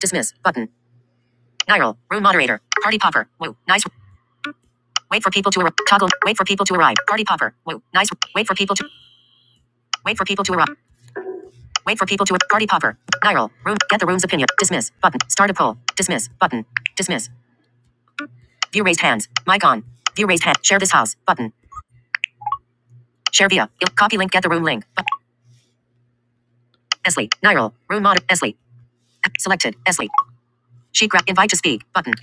Dismiss button. Niral. Room moderator. Party popper. Woo. Nice. Wait for people to arrive. Toggle. Wait for people to arrive. Party popper. Woo. Nice. Wait for people to. Wait for people to arrive. Wait for people to. Party popper. Niral. Room. Get the room's opinion. Dismiss button. Start a poll. Dismiss button. Dismiss. View raised hands. Mic on. View raised hand. Share this house button. Share via. Copy link. Get the room link. But- Esley. Niral. Room mod. Esley. Selected. Esley. She grab. Invite to speak button.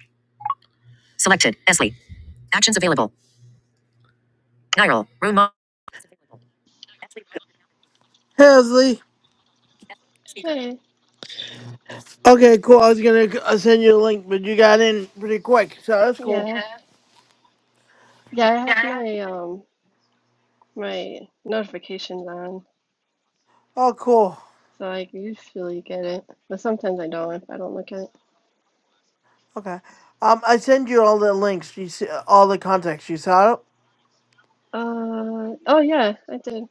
Selected. Esley. Actions available. Niral. Room mod. Hesley. Hey, Okay, cool. I was gonna uh, send you a link, but you got in pretty quick, so that's cool. yeah, Yeah. yeah, I have my um my notifications on, Oh, cool. so I usually get it, but sometimes I don't if I don't look at it. Okay. Um, I send you all the links. You see, all the contacts you saw. it? Uh, oh yeah, I did.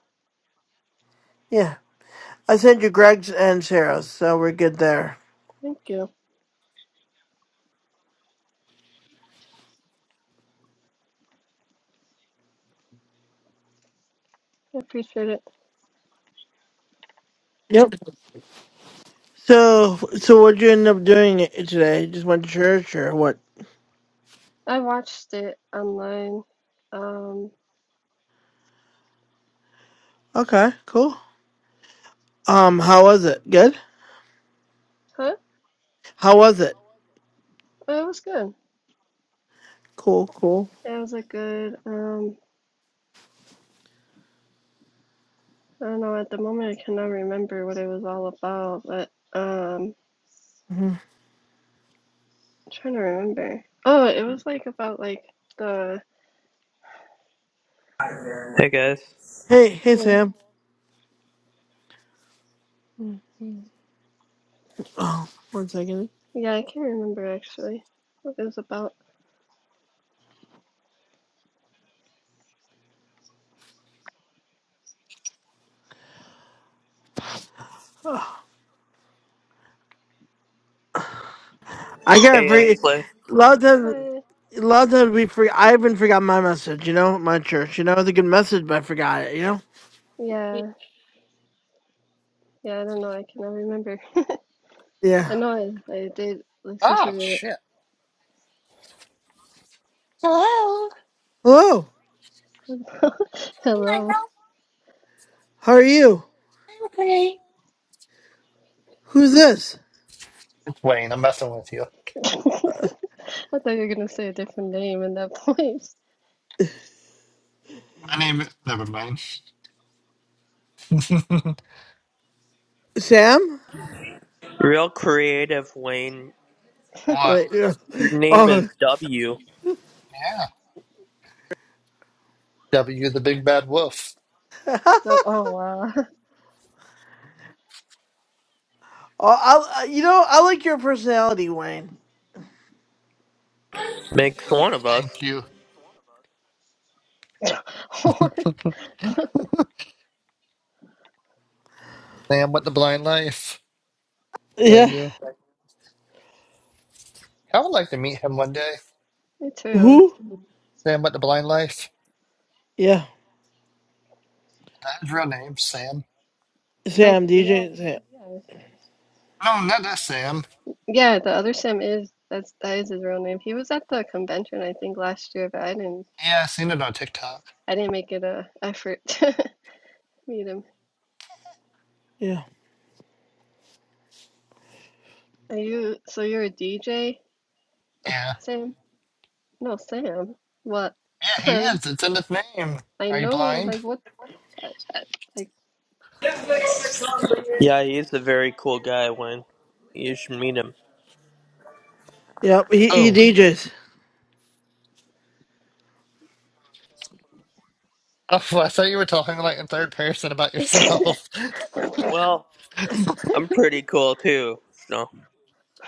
Yeah, I sent you Greg's and Sarah's, so we're good there. Thank you. I appreciate it. Yep. So, so what'd you end up doing i- today? Just went to church or what? I watched it online. Um, Okay, cool. Um, how was it? Good. huh? How was it? Oh, It was good. Cool, cool. It was a good, um, I don't know, at the moment I cannot remember what it was all about, but um, hmm I'm trying to remember. Oh, it was like about like the, Hey guys. Hey, hey, hey, Sam. Oh, one second. Yeah, I can't remember actually what it was about. I got Hey free. Ashley. London, I London, we free. I even forgot my message. You know, my church. You know, it's a good message, but I forgot it. You know. yeah, yeah, I don't know. I cannot remember. Yeah. I know I, I did listen Ah, to it. shit. Hello. Hello. Hi, Hello. Lionel. How are you? Hi, Renee. Who's this? It's Wayne, I'm messing with you. I thought you were gonna say a different name in that place. My name is. Never mind. Sam. Real creative Wayne. What? Wait. yeah. Your Oh. name is Oh. W. Yeah. W, the big bad wolf. So, oh wow. I, uh, you know, I like your personality, Wayne. Makes one of us. Thank you. Sam with the blind life. Is that Yeah. you? I would like to meet him one day. Me too. Who? Sam with the blind life. Yeah. That's his real name, Sam. Like Sam. yeah, yeah, DJ. Sam. yeah. No, not that Sam. Yeah, the other Sam is that's that is his real name. He was at the convention I think last year, but I didn't Yeah, i seen it on TikTok. I didn't make it a effort to meet him. Yeah. Are you so you're a DJ? Yeah. Sam, no, Sam, what? Yeah, he Um, is. It's in his name. I Are you know, blind? like, what? uh, Like, Yeah, he's a very cool guy, Wayne. You should meet him. Yep. He, he Oh. DJs. Oh, I thought you were talking like in third person about oh yourself. Well, I'm pretty cool too. So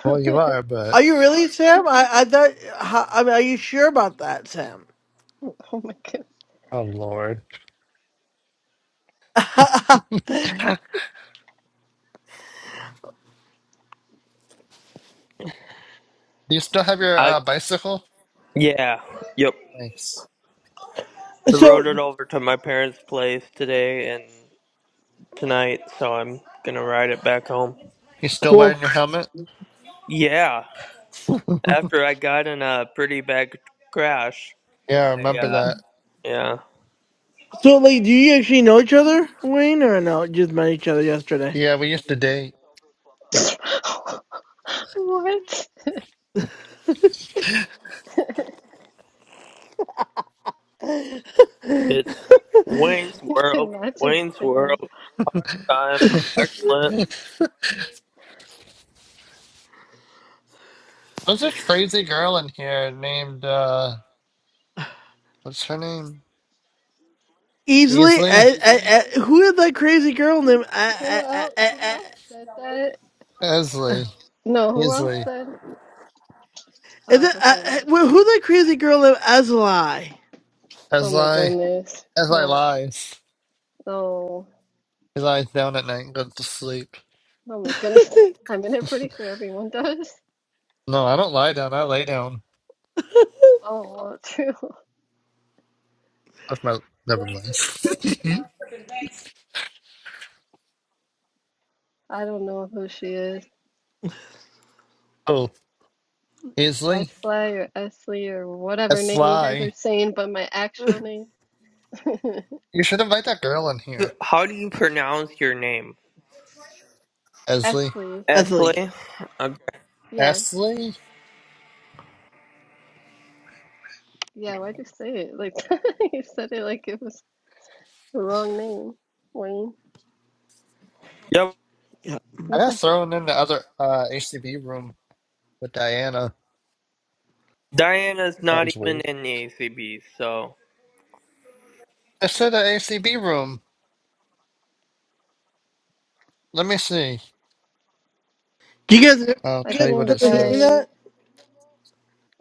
Well, you are, but Are you really Sam? I I thought. how- I mean, are you sure about that, Sam? my God. oh lord, do you still have your uh, I bicycle? yeah. Yep. Nice. I so rode it over to my parents' place today and tonight, so I'm gonna ride it back home. You still cool. wearing your helmet? Yeah. yeah, After I got in a pretty bad crash, I I remember uh that. yeah. So, like, do you actually know each other, Wayne, or no? Just met each other yesterday. Yeah, we used to date. What? It's Wayne's I did World. not just Wayne's say that. World time. Excellent. There's this crazy girl in here named uh, what's her name? Easily, Easley, I, I, Wait, I, who is that who, crazy girl who, named? who I, I, else, I, who I, else said that? Esley, No, who else Easley, said? Oh, is I it? thought I, someone I, else. wh- who's that crazy girl named Asli? Oh my Esley, goodness. Esley No, lies. no, He lies down at night and goes to sleep. oh my goodness. I mean, I'm pretty sure everyone does. No, I don't lie down. I lay down. Oh, well, true. That's my. Never mind. I don't know who she is. oh, Easley, Esley or Esley or whatever name you guys are Esley. saying, but my actual name, You should invite that girl in here. How do you pronounce your name? Esley. Esley. Asli. Esley? Okay. Yeah, Esley? yeah. Why'd you say it like you said it like it was the wrong name, Wayne? Yep. Yeah. I Yes, got I, thrown in the other uh, ACB room with Diana. Diana's That not was even weird. in the ACB, so. I said the ACB room. Let me see. Do you guys, do I'll I you tell guys should you what it ever hearing says. invite. that?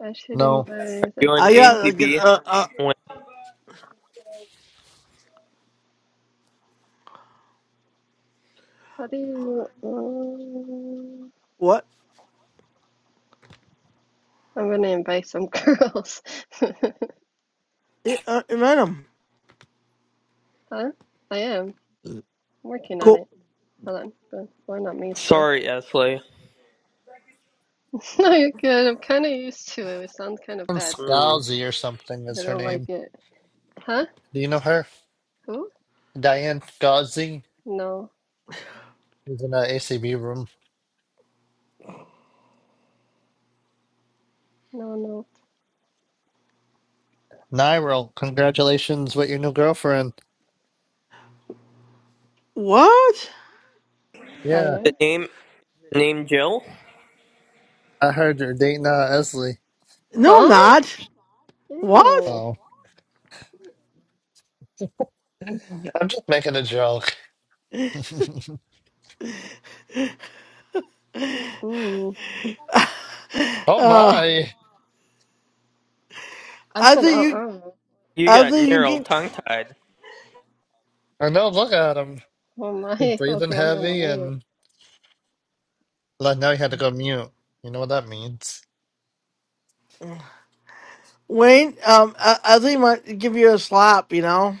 I should No. Are invite you that in I got girl. like, ACB? uh, uh, Wayne? How do you? Um, what? I'm gonna invite some girls. I, uh, I met him. Huh? I am. I'm working on Cool. it. Hold on. But why not me though? Sorry, Esley. No, you're good. I'm kind of used to it. It sounds kind of Diane bad, but. Hmm. Scalzi or something I is her don't like name. it. Huh? Do you know her? Who? Diane Scalzi No. is in the ACB room. No, no. Nyril, congratulations with your new girlfriend. What? Yeah, The Diane? name, the name Jill? I heard you're dating uh, Esley. No, I'm Huh? not. What? Ew. Oh, I'm just making a joke. Mm-mm. Oh uh, my. I I said think you. uh-uh. You I got think Nero you. tongue tied. I know, look at him. Oh He my. breathing Okay, I'm gonna heavy mute. and Like now you had to go mute. You know what that means? Wayne, um, I, I think he might give you a slap. You know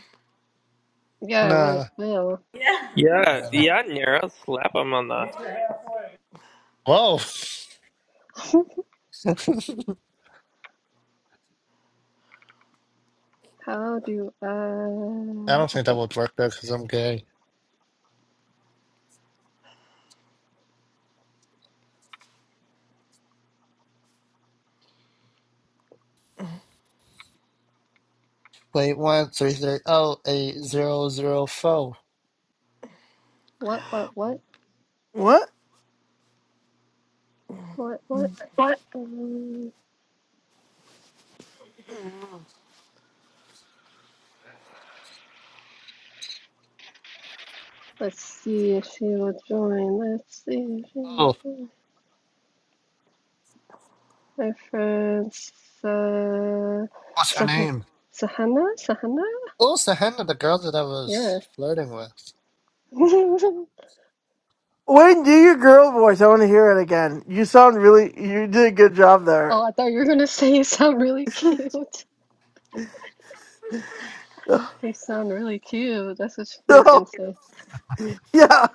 Yeah, I would. Nah. Will. Yeah, yeah, Uh, Yeah. Nero. Slap him on the whoa. How do I don't I... think that would work though, because I'm gay. Wait, one three three oh eight zero zero four. What, what, what? what? What, what? Um, let's see if she will join. Let's see if she will Oh, join. My friend, uh, what's Sah her name? Sahana? Sahana? What was the hand of the girl that I Yeah. was flirting with? Wayne, do your girl voice. I want to hear it again. You sound really. You did a good job Oh, there. I thought you were gonna say you sound really cute. You sound really cute. That's what she was No, gonna say. yeah,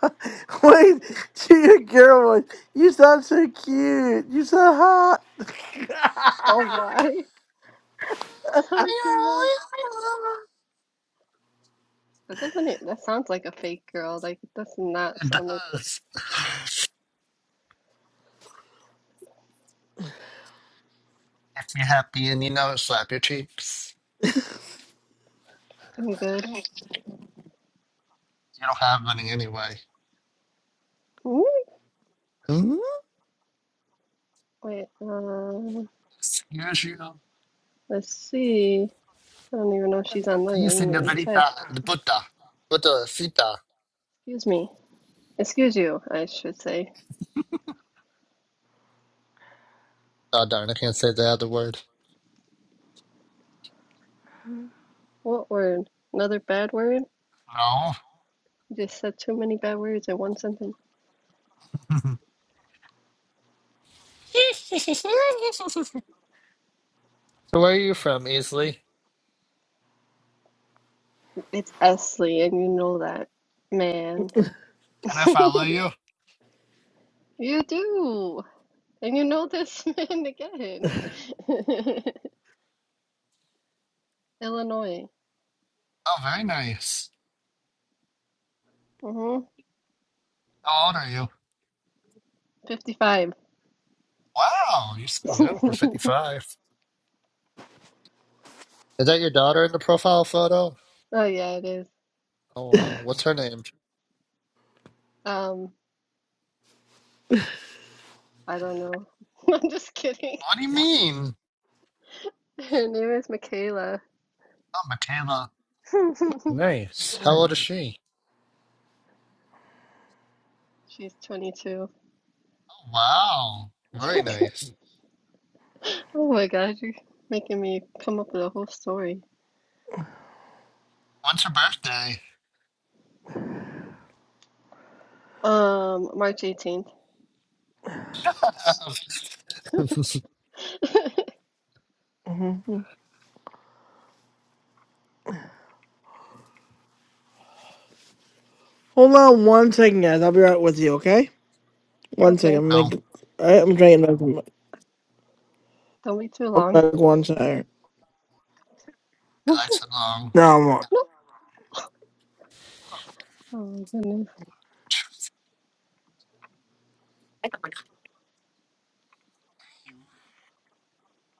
Wayne, do your girl voice. You sound so cute. You so hot. Oh my. Don't You're do that. always That doesn't it that sounds like a fake girl. Like it does not It sound like does. If you're happy and you know it, slap your cheeks. I'm good. You don't have money anyway. Mm. Hmm? Wait, um Excuse you. let's see. I don't even know if she's online. I Sí, didn't even check. señorita. The Buddha. Buddha, Sita. Excuse me. Excuse you, I should say. Oh, darn, I can't say the other word. What word? Another bad word? No. You just said too many bad words in one sentence. So where are you from, Easley? It's Esley and you know that. Man. Can I follow you? You do. And you know this man again. Illinois. Oh, very nice. hmm How old are you? 55. Wow, you seem young for 55. Is that your daughter in the profile photo? Oh yeah, it is. Oh wow. What's her name? Um, I don't know. I'm just kidding. What do you mean? Her name is Michaela. Oh, Michaela. Nice. How old is she? She's 22. Oh, wow. Very nice. Oh my gosh, you're making me come up with a whole story. When's her birthday? Um, March 18th. no, he Hold on one second, guys. I'll be right with you. Okay, one second. Okay, I'm making. I- I'm drinking. Back from don't be too long. back one second. likes it long. No, I'm not. No. Oh my goodness.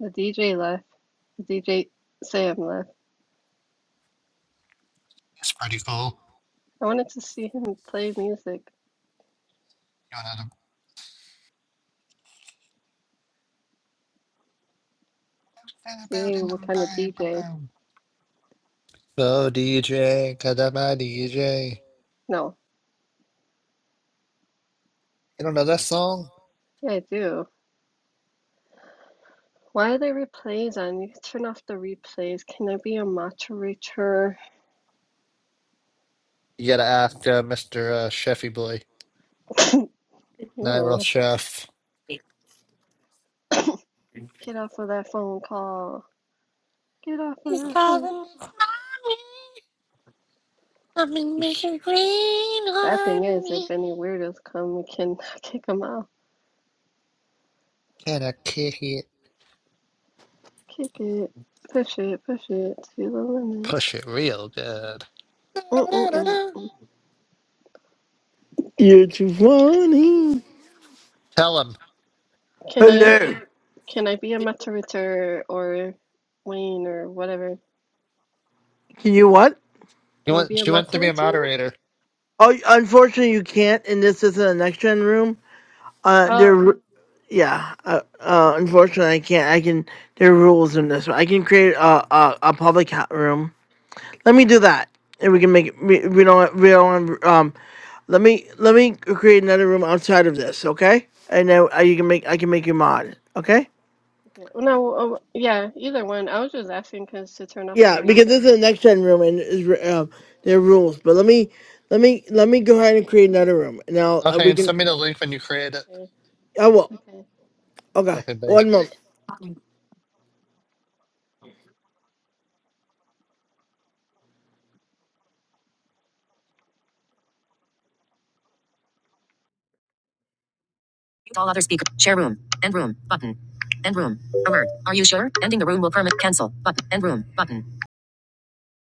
The DJ left. The DJ Sam left. It's pretty cool. I wanted to see him play music, You see what kind of DJ. wanna- So DJ, Kadama DJ. No, You don't know that song? yeah, I do. Why are there replays on? You can turn off the replays. Can I be a moderator? You gotta ask uh, Mr. Uh, Chefy Boy, Nigel Ew. Chef. Get off of that phone call. Get off of He's that phone. calling me mommy. I'm in Mission Green Bad thing on is, if me. any weirdos come, we can kick them out. Can I kick it? Kick it. Push it. Push it to the limit. Push it real good. Mm-mm-mm. Da-da-da-da-da. You're too funny. Tell him. Can I Hello. can I be a moderator or Wayne or whatever? Can you what? You Can I be want? a She wants to be a moderator? moderator. Oh, unfortunately, you can't, and this isn't a next gen room. Uh, Oh, there, yeah. Uh, uh, unfortunately, I can't. I can. There are rules in this. one. I can create a a, a public ha- room. Let me do that, and we can make it. We, we don't. We don't. Um, let me let me create another room outside of this, okay? And then uh, you can make. I can make you mod, okay? Yeah. No, oh, yeah, either one. I was just asking because to turn off the Yeah, because this replays. is a next gen room, and is re- um, there are rules. But let me let me let me go ahead and create another room. Now uh, Okay, we and can. send me the link when you create it. Okay. I will. Okay. Okay. Okay, bye. One moment. all other speaker. Share room. End room. Button. End room. Alert. Are you sure? Ending the room will permit. Cancel. Button. End room. Button.